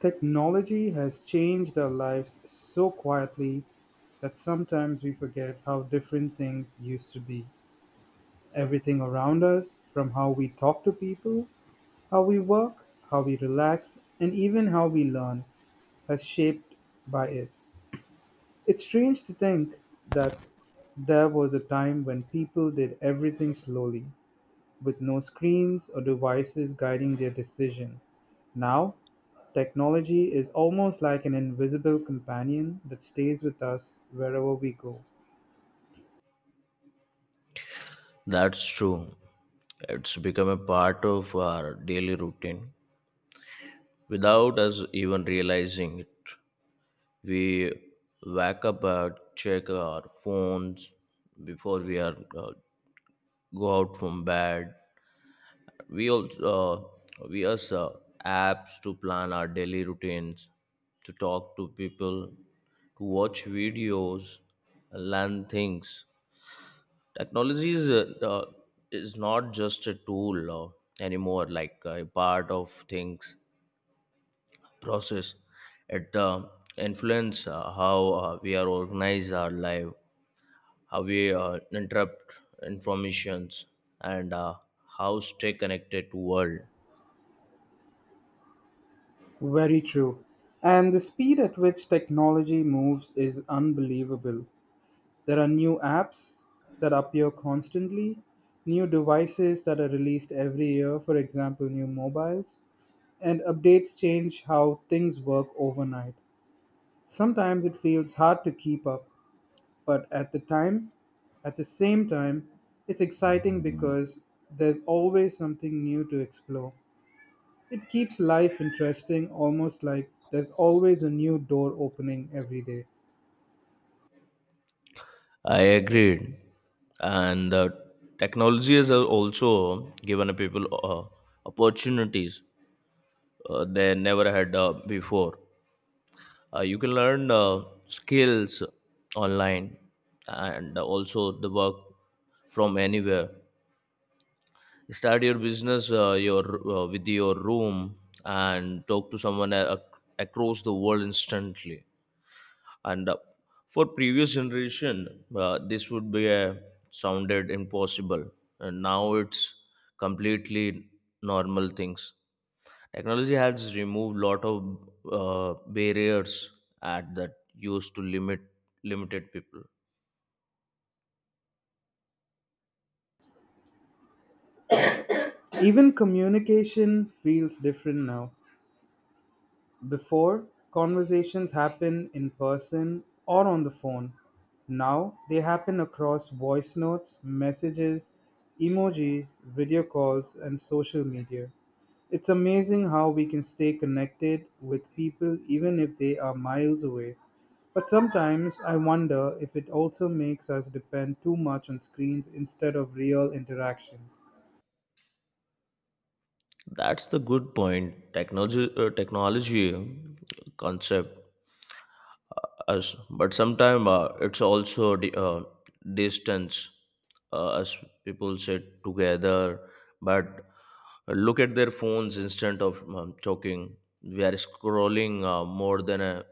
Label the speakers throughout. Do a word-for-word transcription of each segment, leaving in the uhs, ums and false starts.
Speaker 1: Technology has changed our lives so quietly that sometimes we forget how different things used to be. Everything around us, from how we talk to people, how we work, how we relax, and even how we learn, has shaped by it. It's strange to think that there was a time when people did everything slowly, with no screens or devices guiding their decision. Now, technology is almost like an invisible companion that stays with us wherever we go.
Speaker 2: That's true. It's become a part of our daily routine without us even realizing it. We wake up and check our phones before we are uh, go out from bed. We also uh, we use uh, apps to plan our daily routines, to talk to people, to watch videos, learn things. Technology is, uh, uh, is not just a tool uh, anymore, like uh, a part of things process. It uh, influence uh, how uh, we are organize our life, how we uh, interrupt informations, and uh, how stay connected to world.
Speaker 1: Very true. And the speed at which technology moves is unbelievable. There are new apps that appear constantly, new devices that are released every year, for example, new mobiles, and updates change how things work overnight. Sometimes it feels hard to keep up, but at the time at the same time it's exciting because there's always something new to explore. It keeps life interesting, almost like there's always a new door opening every day.
Speaker 2: I agreed, and uh, technology has uh, also given people uh, opportunities uh, they never had uh, before, uh, you can learn uh, skills online, and also the work from anywhere, start your business, uh, your uh, with your room, and talk to someone a- across the world instantly. And uh, for previous generation, uh, this would be a sounded impossible, and now it's completely normal things. Technology has removed lot of uh, barriers at that used to limit limited people.
Speaker 1: Even communication feels different now. Before, conversations happen in person or on the phone. Now, they happen across voice notes, messages, emojis, video calls, and social media. It's amazing how we can stay connected with people even if they are miles away. But sometimes I wonder if it also makes us depend too much on screens instead of real interactions.
Speaker 2: That's the good point. Technology uh, technology concept uh, us, but sometimes uh, it's also di- uh, distance, uh, as people sit together but look at their phones instead of um, talking. We are scrolling uh, more than a,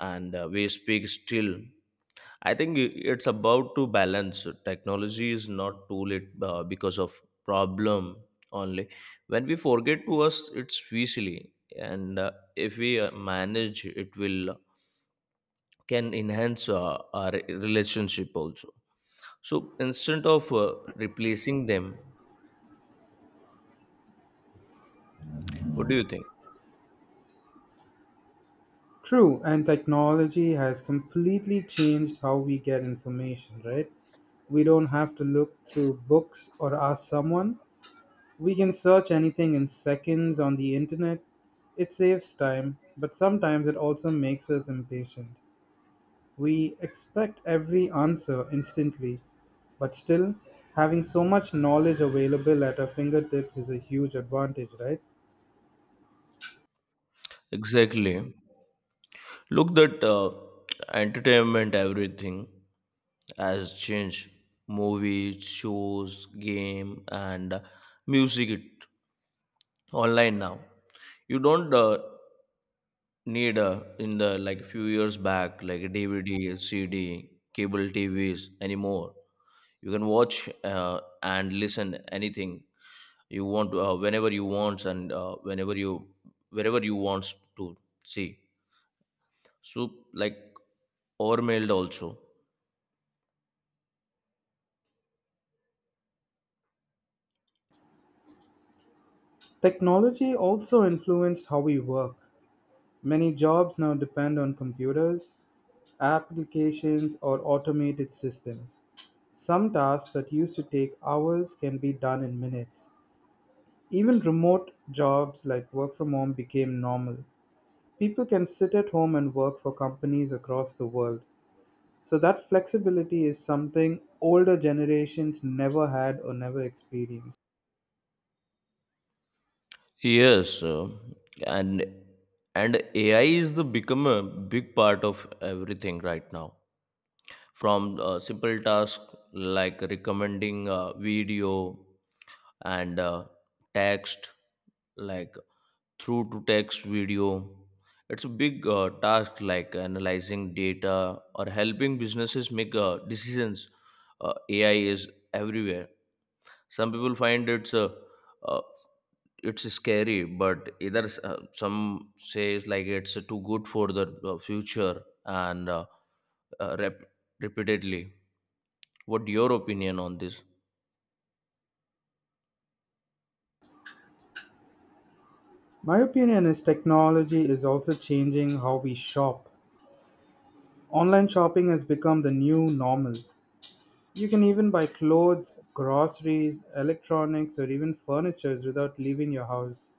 Speaker 2: and uh, we speak still. I think i- it's about to balance. Technology is not too late uh, because of problem only when we forget to us it's easily, and uh, if we uh, manage it, will can enhance uh, our relationship also. So instead of uh, replacing them, what do you think?
Speaker 1: True, and technology has completely changed how we get information, right? We don't have to look through books or ask someone. We can search anything in seconds on the internet. It saves time, but sometimes it also makes us impatient. We expect every answer instantly, but still, having so much knowledge available at our fingertips is a huge advantage, right?
Speaker 2: Exactly. Look that, uh, entertainment everything has changed. Movies, shows, game, and uh, music, it online now. You don't uh, need uh, in the like few years back like D V D, C D, cable T Vs anymore. You can watch uh, and listen anything you want to, uh, whenever you want, and uh, whenever you wherever you want to see. So like overmailed also.
Speaker 1: Technology also influenced how we work. Many jobs now depend on computers, applications, or automated systems. Some tasks that used to take hours can be done in minutes. Even remote jobs like work from home became normal. People can sit at home and work for companies across the world. So, that flexibility is something older generations never had or never experienced.
Speaker 2: Yes, uh, and and ai is the become a big part of everything right now, from uh, simple tasks like recommending a video, and uh, text like through to text video. It's a big uh, task, like analyzing data or helping businesses make uh, decisions. Uh, ai is everywhere. Some people find it's a uh, it's scary, but either s- uh, some says like it's too good for the uh, future, and uh, uh, rep- repeatedly. What your opinion on this?
Speaker 1: My opinion is technology is also changing how we shop. Online shopping has become the new normal. You can even buy clothes, groceries, electronics, or even furnitures without leaving your house.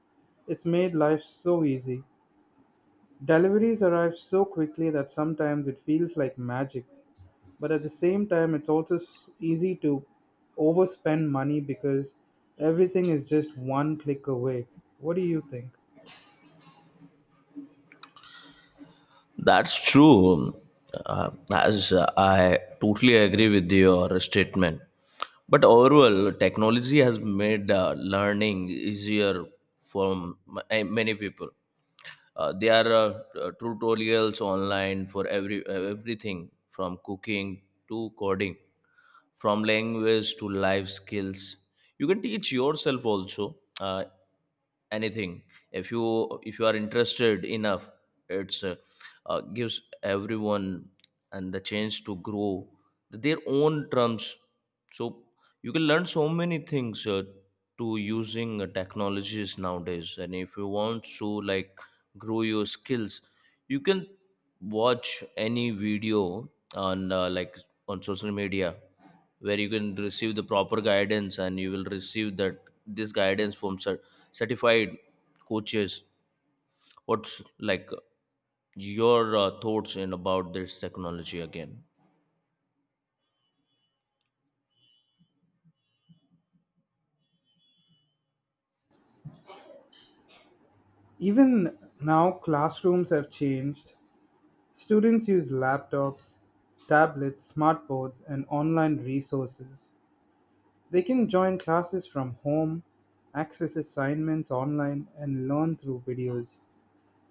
Speaker 1: It's made life so easy. Deliveries arrive so quickly that sometimes it feels like magic, but at the same time, it's also s- easy to overspend money because everything is just one click away. What do you think?
Speaker 2: That's true. Uh, as uh, I totally agree with your statement. But overall, technology has made uh, learning easier for m- eh, many people. Uh, there are uh, uh, tutorials online for every uh, everything, from cooking to coding, from language to life skills. You can teach yourself also uh, anything, if you if you are interested enough. It's uh, uh, gives everyone and the chance to grow their own terms. So you can learn so many things uh, to using uh, technologies nowadays, and if you want to like grow your skills, you can watch any video on uh, like on social media where you can receive the proper guidance, and you will receive that this guidance from cer- certified coaches. What's like your uh, thoughts in about this technology again?
Speaker 1: Even now, classrooms have changed. Students use laptops, tablets, smartboards, and online resources. They can join classes from home, access assignments online, and learn through videos.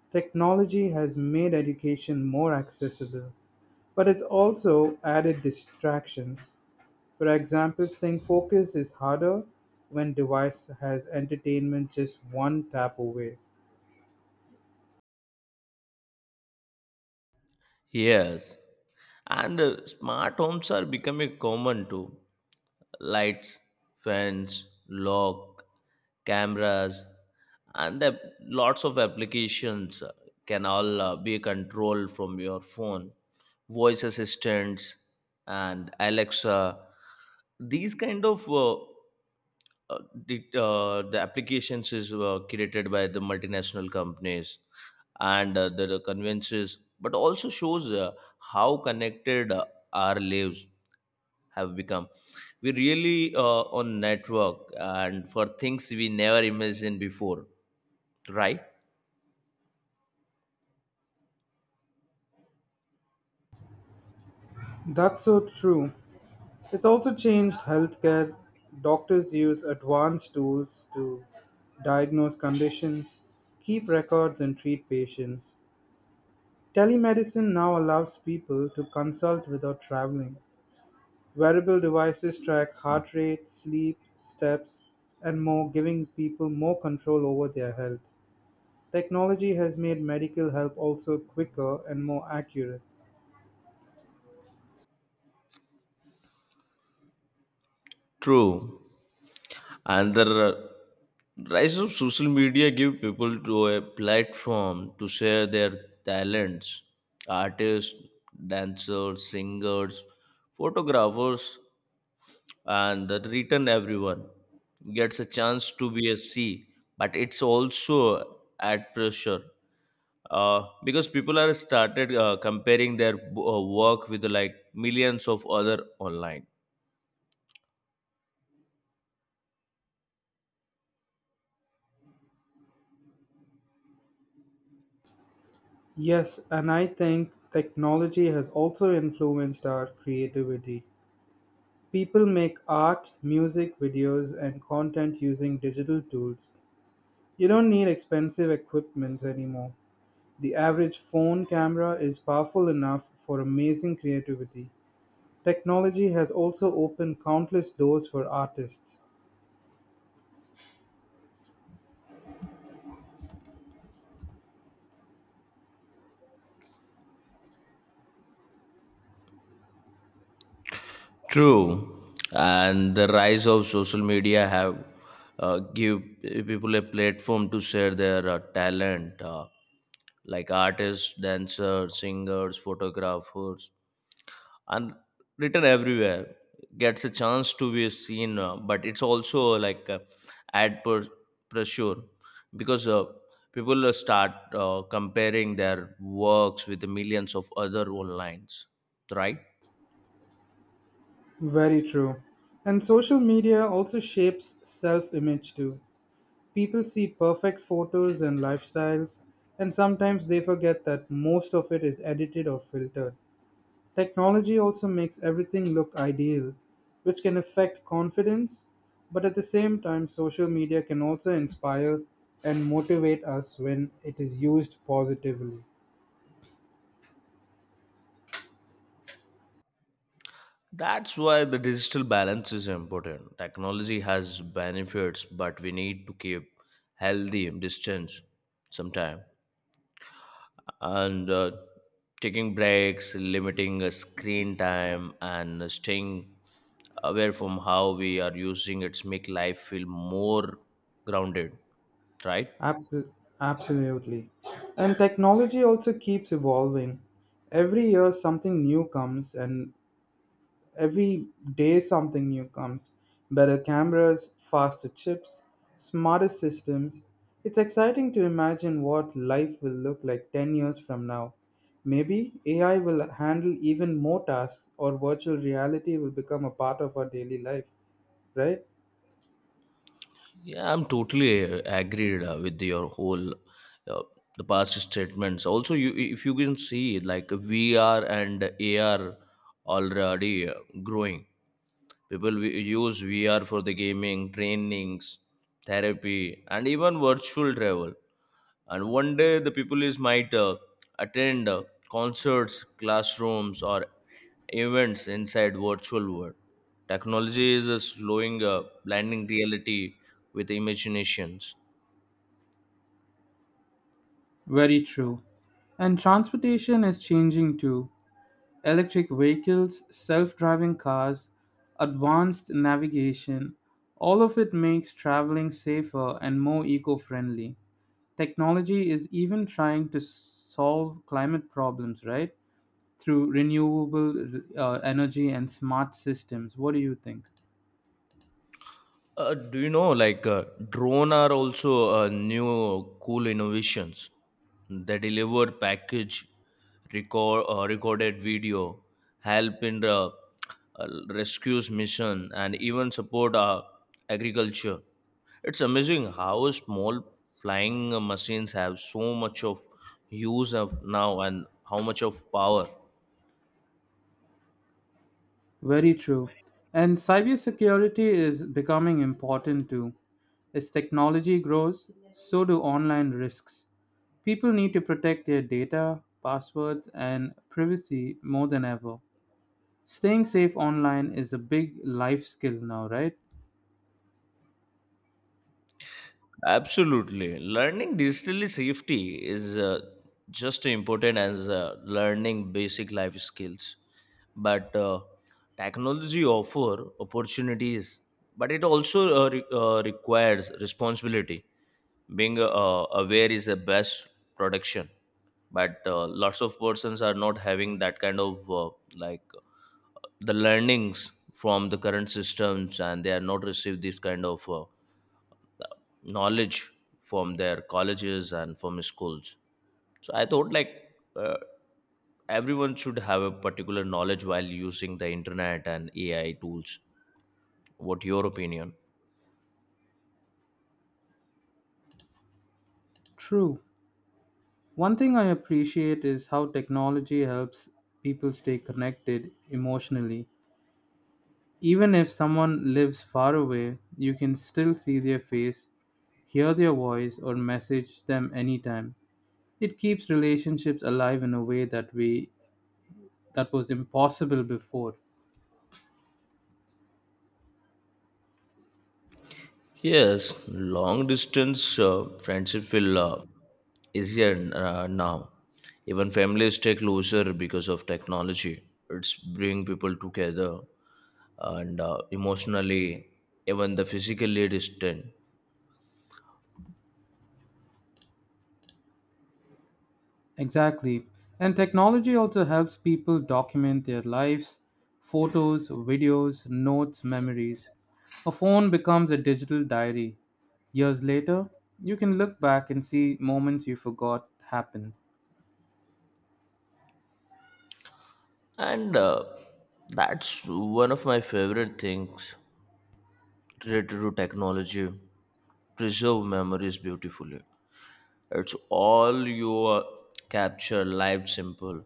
Speaker 1: Technology has made education more accessible, but it's also added distractions. For example, staying focused is harder when device has entertainment just one tap away.
Speaker 2: Yes, and uh, smart homes are becoming common too. Lights, fans, lock, cameras, and the lots of applications uh, can all uh, be controlled from your phone. Voice assistants and Alexa. These kind of uh, uh, the uh, the applications is uh, created by the multinational companies and uh, the conveyances, but also shows uh, how connected uh, our lives have become. We really uh, on network and for things we never imagined before, right?
Speaker 1: That's so true. It's also changed healthcare. Doctors use advanced tools to diagnose conditions, keep records, and treat patients. Telemedicine now allows people to consult without traveling. Wearable devices track heart rate, sleep, steps, and more, giving people more control over their health. Technology has made medical help also quicker and more accurate.
Speaker 2: True. And the rise of social media give people to a platform to share their talents, artists, dancers, singers, photographers, and the written everyone gets a chance to be a c, but it's also at pressure uh, because people are started uh, comparing their uh, work with like millions of other online.
Speaker 1: Yes, and I think technology has also influenced our creativity. People make art, music, videos, and content using digital tools. You don't need expensive equipments anymore. The average phone camera is powerful enough for amazing creativity. Technology has also opened countless doors for artists.
Speaker 2: True, and the rise of social media have uh, give people a platform to share their uh, talent, uh, like artists, dancers, singers, photographers, and written everywhere gets a chance to be seen. Uh, but it's also like uh, ad per- pressure, because uh, people uh, start uh, comparing their works with the millions of other online, right?
Speaker 1: Very true. And social media also shapes self image too. People see perfect photos and lifestyles, and sometimes they forget that most of it is edited or filtered. Technology also makes everything look ideal, which can affect confidence, but at the same time, social media can also inspire and motivate us when it is used positively.
Speaker 2: That's why the digital balance is important. Technology has benefits, but we need to keep healthy distance sometime, and uh, taking breaks, limiting uh, screen time, and staying aware from how we are using it, make life feel more grounded. Right?
Speaker 1: Absol- Absolutely. And technology also keeps evolving. Every year, something new comes, and Every day something new comes. Better cameras, faster chips, smarter systems. It's exciting to imagine what life will look like ten years from now. Maybe A I will handle even more tasks or virtual reality will become a part of our daily life, right?
Speaker 2: Yeah, I'm totally uh, agreed uh, with your whole uh, the past statements. Also, you if you can see like V R and A R already uh, growing. People wi- use V R for the gaming, trainings, therapy, and even virtual travel. And one day, the people is might uh, attend uh, concerts, classrooms, or events inside virtual world. Technology is uh, slowing, uh, blending reality with imaginations.
Speaker 1: Very true. And transportation is changing too. Electric vehicles, self driving cars, advanced navigation, all of it makes traveling safer and more eco friendly. Technology is even trying to solve climate problems, right? Through renewable uh, energy and smart systems. What do you think?
Speaker 2: Uh, do you know, like, uh, drone are also uh, new cool innovations. They deliver package, record uh, recorded video, help in the uh, rescues mission, and even support uh, agriculture. It's amazing how small flying machines have so much of use of now and how much of power.
Speaker 1: Very true. And cybersecurity is becoming important too. As technology grows, so do online risks. People need to protect their data, passwords, and privacy more than ever. Staying safe online is a big life skill now, right?
Speaker 2: Absolutely. Learning digitally safety is uh, just as important as uh, learning basic life skills. But uh, technology offer opportunities, but it also uh, re- uh, requires responsibility. Being uh, aware is the best protection, but uh, lots of persons are not having that kind of uh, like uh, the learnings from the current systems, and they are not received this kind of. Uh, knowledge from their colleges and from schools. So I thought like, uh, everyone should have a particular knowledge while using the internet and A I tools. What your opinion?
Speaker 1: True. One thing I appreciate is how technology helps people stay connected emotionally. Even if someone lives far away, you can still see their face, hear their voice, or message them anytime. It keeps relationships alive in a way that we that was impossible before.
Speaker 2: Yes, long distance uh, friendship will uh, easier uh, now. Even families stay closer because of technology. It's bring people together and uh, emotionally, even the physically distant.
Speaker 1: Exactly. And technology also helps people document their lives, photos, videos, notes, memories. A phone becomes a digital diary. Years later, you can look back and see moments you forgot happened.
Speaker 2: and uh, that's one of my favorite things related to technology, preserve memories beautifully. It's all your capture live simple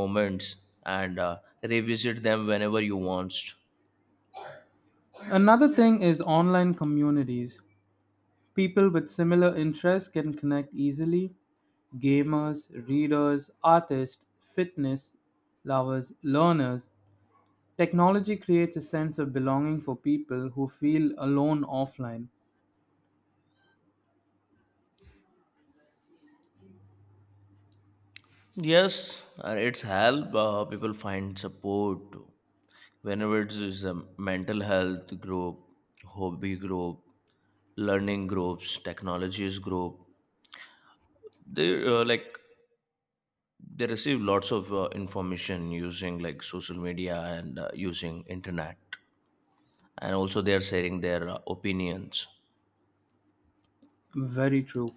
Speaker 2: moments, and uh, revisit them whenever you want.
Speaker 1: Another thing is online communities. People with similar interests can connect easily. Gamers, readers, artists, fitness lovers, learners, technology creates a sense of belonging for people who feel alone offline.
Speaker 2: Yes, uh, it's help uh, people find support too. Whenever it is a mental health group, hobby group, learning groups, technologies group, they uh, like they receive lots of uh, information using like social media and uh, using internet, and also they are sharing their uh, opinions.
Speaker 1: Very true.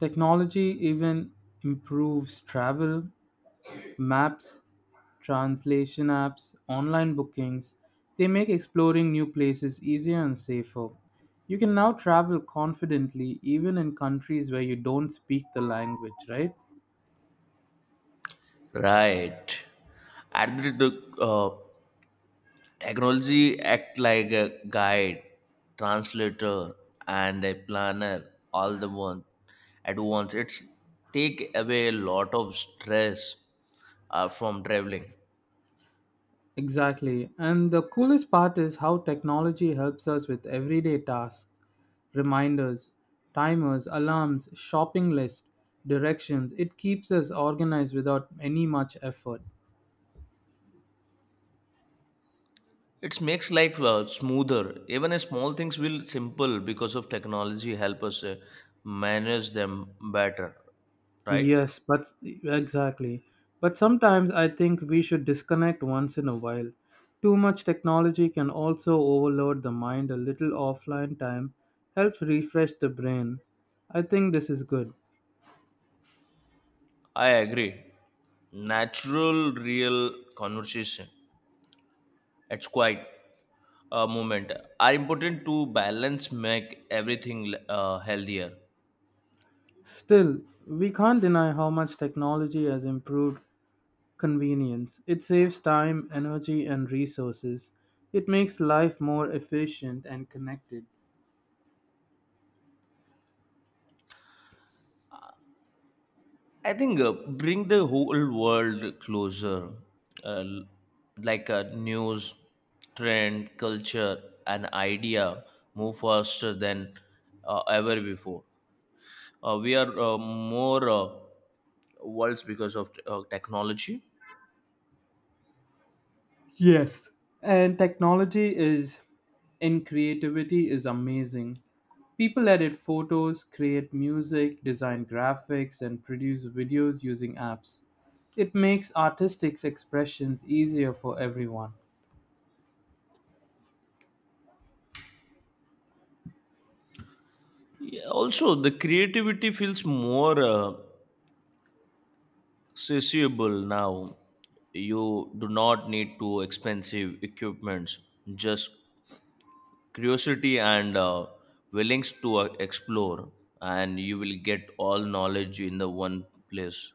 Speaker 1: Technology even improves travel, maps, translation apps, online bookings. They make exploring new places easier and safer. You can now travel confidently even in countries where you don't speak the language, right?
Speaker 2: Right. And the the, uh, technology act like a guide, translator, and a planner all the one at once. It's take away a lot of stress uh, from traveling.
Speaker 1: Exactly. And the coolest part is how technology helps us with everyday tasks, reminders, timers, alarms, shopping list, directions. It keeps us organized without any much effort.
Speaker 2: It makes life uh, smoother. Even uh, small things will simple because of technology help us uh, manage them better, right?
Speaker 1: Yes, but exactly. But sometimes I think we should disconnect once in a while. Too much technology can also overload the mind. A little offline time helps refresh the brain. I think this is good.
Speaker 2: I agree. Natural, real conversation. It's quite a moment. Are important to balance, make everything uh, healthier.
Speaker 1: Still, we can't deny how much technology has improved convenience. It saves time, energy, and resources. It makes life more efficient and connected.
Speaker 2: I think uh, bring the whole world closer, uh, l- like a news, trend, culture, and idea move faster than uh, ever before. Uh, we are uh, more uh, worlds because of uh, technology.
Speaker 1: Yes. And technology is in creativity is amazing. People edit photos, create music, design graphics, and produce videos using apps. It makes artistic expressions easier for everyone.
Speaker 2: Yeah, also, the creativity feels more uh, accessible now. You do not need to expensive equipments. Just curiosity and uh, willingness to uh, explore, and you will get all knowledge in the one place.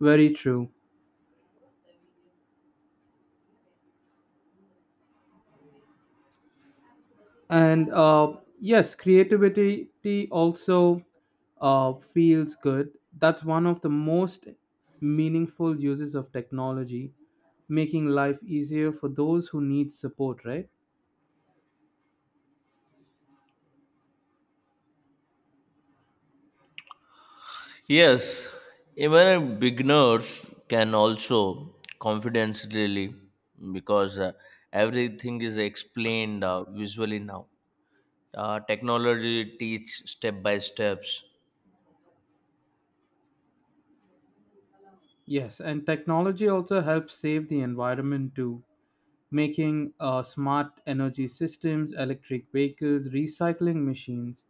Speaker 1: Very true. And uh, yes, creativity also uh, feels good. That's one of the most meaningful uses of technology, making life easier for those who need support, right?
Speaker 2: Yes, even beginners can also confidence really, because uh, everything is explained uh, visually now. Uh, technology teach step by steps.
Speaker 1: Yes, and technology also helps save the environment too, making uh, smart energy systems, electric vehicles, recycling machines.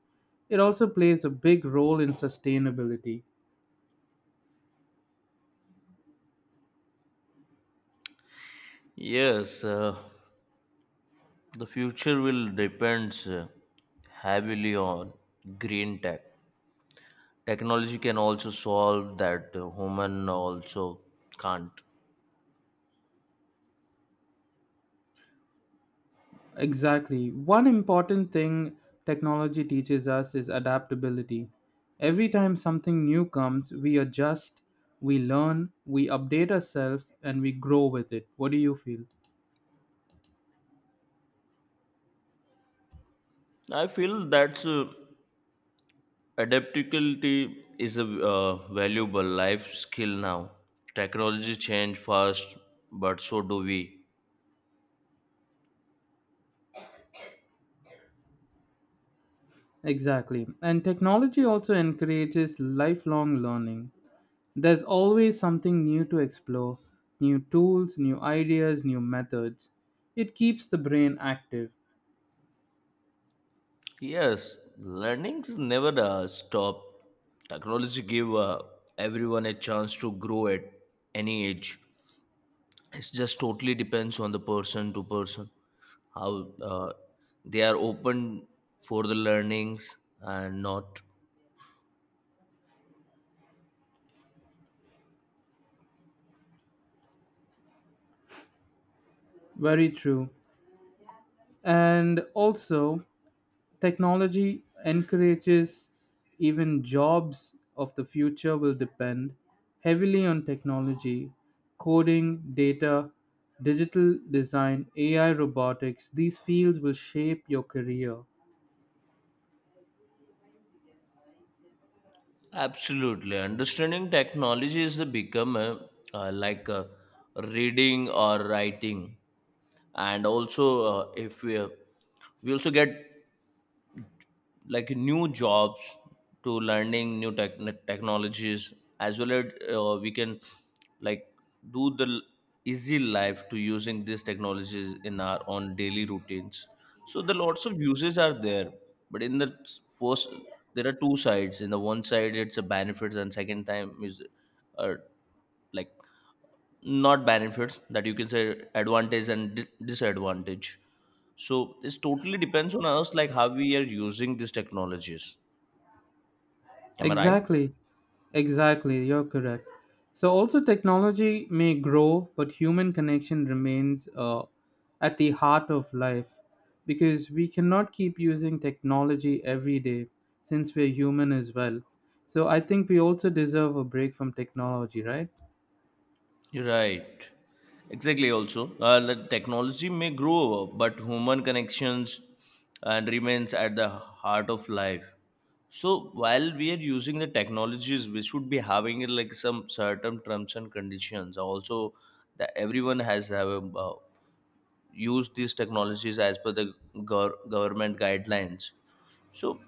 Speaker 1: It also plays a big role in sustainability.
Speaker 2: Yes, uh, the future will depends uh, heavily on green tech. Technology can also solve that uh, human also can't.
Speaker 1: Exactly. One important thing technology teaches us is adaptability. Every time something new comes, we adjust, we learn, we update ourselves, and we grow with it. What do you feel?
Speaker 2: I feel that uh, adaptability is a uh, valuable life skill now. Technology change fast, but so do we.
Speaker 1: Exactly. And technology also encourages lifelong learning. There's always something new to explore, new tools, new ideas, new methods. It keeps the brain active.
Speaker 2: Yes, learnings never uh, stop. Technology give uh, everyone a chance to grow at any age. It just totally depends on the person to person, how uh, they are open for the learnings and not.
Speaker 1: Very true. And also, technology encourages, even jobs of the future will depend heavily on technology, coding, data, digital design, A I, robotics. These fields will shape your career.
Speaker 2: Absolutely. Understanding technology is the become a, uh, like a reading or writing. And also uh, if we uh, we also get like new jobs to learning new tech- technologies, as well as uh, we can like do the l- easy life to using these technologies in our own daily routines. So the lots of uses are there, but in the s- first, there are two sides. In the one side it's a benefits, and second time is uh, like not benefits, that you can say advantage and di- disadvantage. So this totally depends on us, like how we are using these technologies. Am I right?
Speaker 1: Exactly. Exactly. You're correct. So also technology may grow, but human connection remains uh, at the heart of life, because we cannot keep using technology every day since we're human as well. So I think we also deserve a break from technology, right?
Speaker 2: You're right. Exactly, also uh, the technology may grow, but human connections and remains at the heart of life. So while we are using the technologies, we should be having uh, like some certain terms and conditions also, that everyone has have a, uh, use these technologies as per the gov- government guidelines. So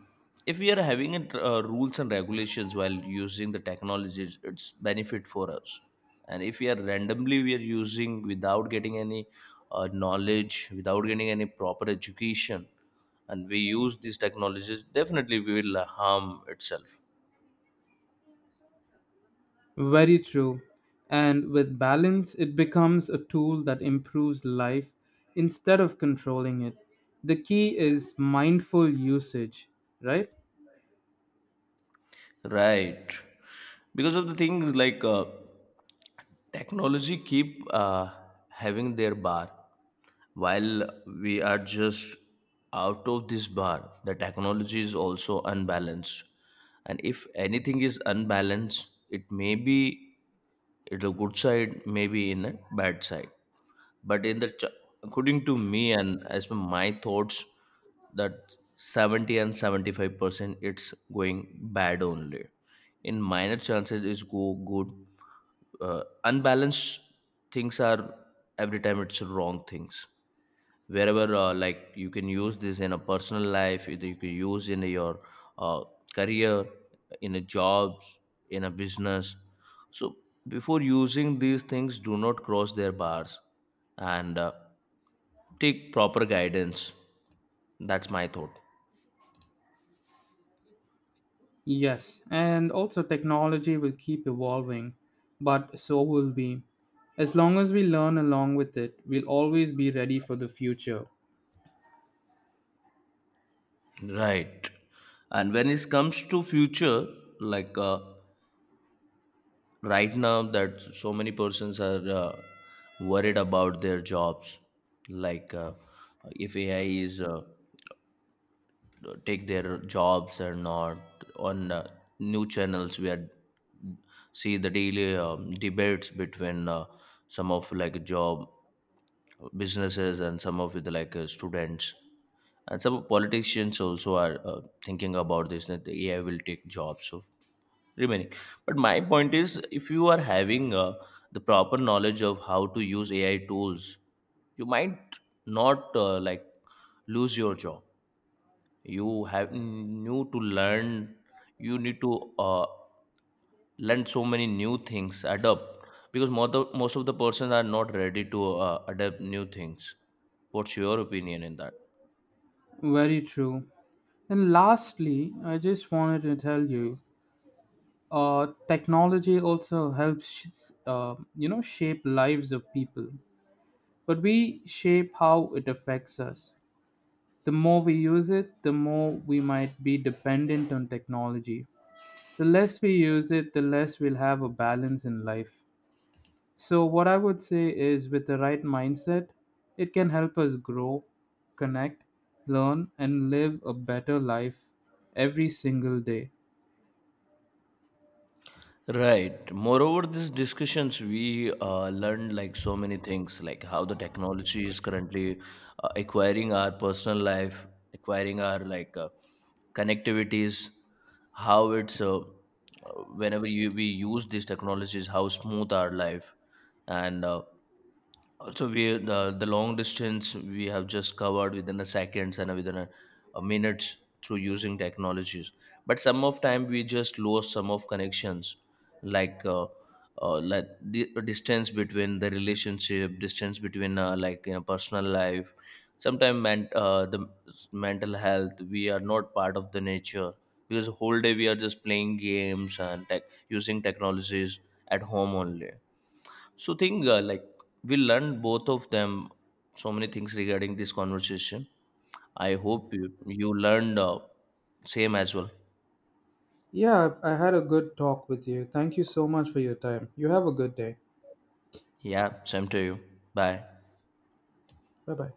Speaker 2: if we are having it, uh, rules and regulations while using the technologies, it's benefit for us. And if we are randomly we are using without getting any uh, knowledge, without getting any proper education, and we use these technologies, definitely we will uh, harm itself.
Speaker 1: Very true. And with balance, it becomes a tool that improves life instead of controlling it. The key is mindful usage, right?
Speaker 2: Right, because of the things like uh, technology keep uh, having their bar. While we are just out of this bar, the technology is also unbalanced. And if anything is unbalanced, it may be it a good side, maybe in a bad side. But in the ch- according to me and as per my thoughts, that seventy and seventy-five percent it's going bad only. In minor chances is go good. Uh, unbalanced things are every time it's wrong things, wherever uh, like you can use this in a personal life, either you can use in your uh, career, in a jobs, in a business. So before using these things, do not cross their bars, and uh, take proper guidance. That's my thought.
Speaker 1: Yes, and also technology will keep evolving, but so will we. As long as we learn along with it, we'll always be ready for the future.
Speaker 2: Right, and when it comes to future, like uh, right now that so many persons are uh, worried about their jobs, like uh, if ai is uh, take their jobs or not. On uh, new channels we are see the daily um, debates between uh, some of like job businesses, and some of the like uh, students, and some politicians also are uh, thinking about this, that the ai will take jobs so remaining. But my point is, if you are having uh, the proper knowledge of how to use ai tools, you might not uh, like lose your job. You have new to learn, you need to uh, learn so many new things, adapt, because most of, most of the persons are not ready to uh, adapt new things. What's your opinion in that?
Speaker 1: Very true. And lastly, I just wanted to tell you, uh, technology also helps, sh- uh, you know, shape lives of people. But we shape how it affects us. The more we use it, the more we might be dependent on technology. The less we use it, the less we'll have a balance in life. So, what I would say is with the right mindset, it can help us grow, connect, learn, and live a better life every single day.
Speaker 2: Right. Moreover, these discussions, we uh, learned like so many things, like how the technology is currently uh, acquiring our personal life, acquiring our like uh, connectivities, how it's uh, uh, whenever you, we use these technologies, how smooth our life, and uh, also we the, the long distance we have just covered within a seconds, and within a, a minutes, through using technologies. But some of time we just lose some of connections, like uh, uh, like the distance between the relationship, distance between uh, like you know personal life. Sometimes man, uh, the s- mental health we are not part of the nature, because whole day we are just playing games and tech using technologies at home only. So, thing uh, like we learned both of them, so many things regarding this conversation. I hope you, you learned uh, same as well.
Speaker 1: Yeah, I I had a good talk with you. Thank you so much for your time. You have a good day.
Speaker 2: Yeah, same to you. Bye.
Speaker 1: Bye bye.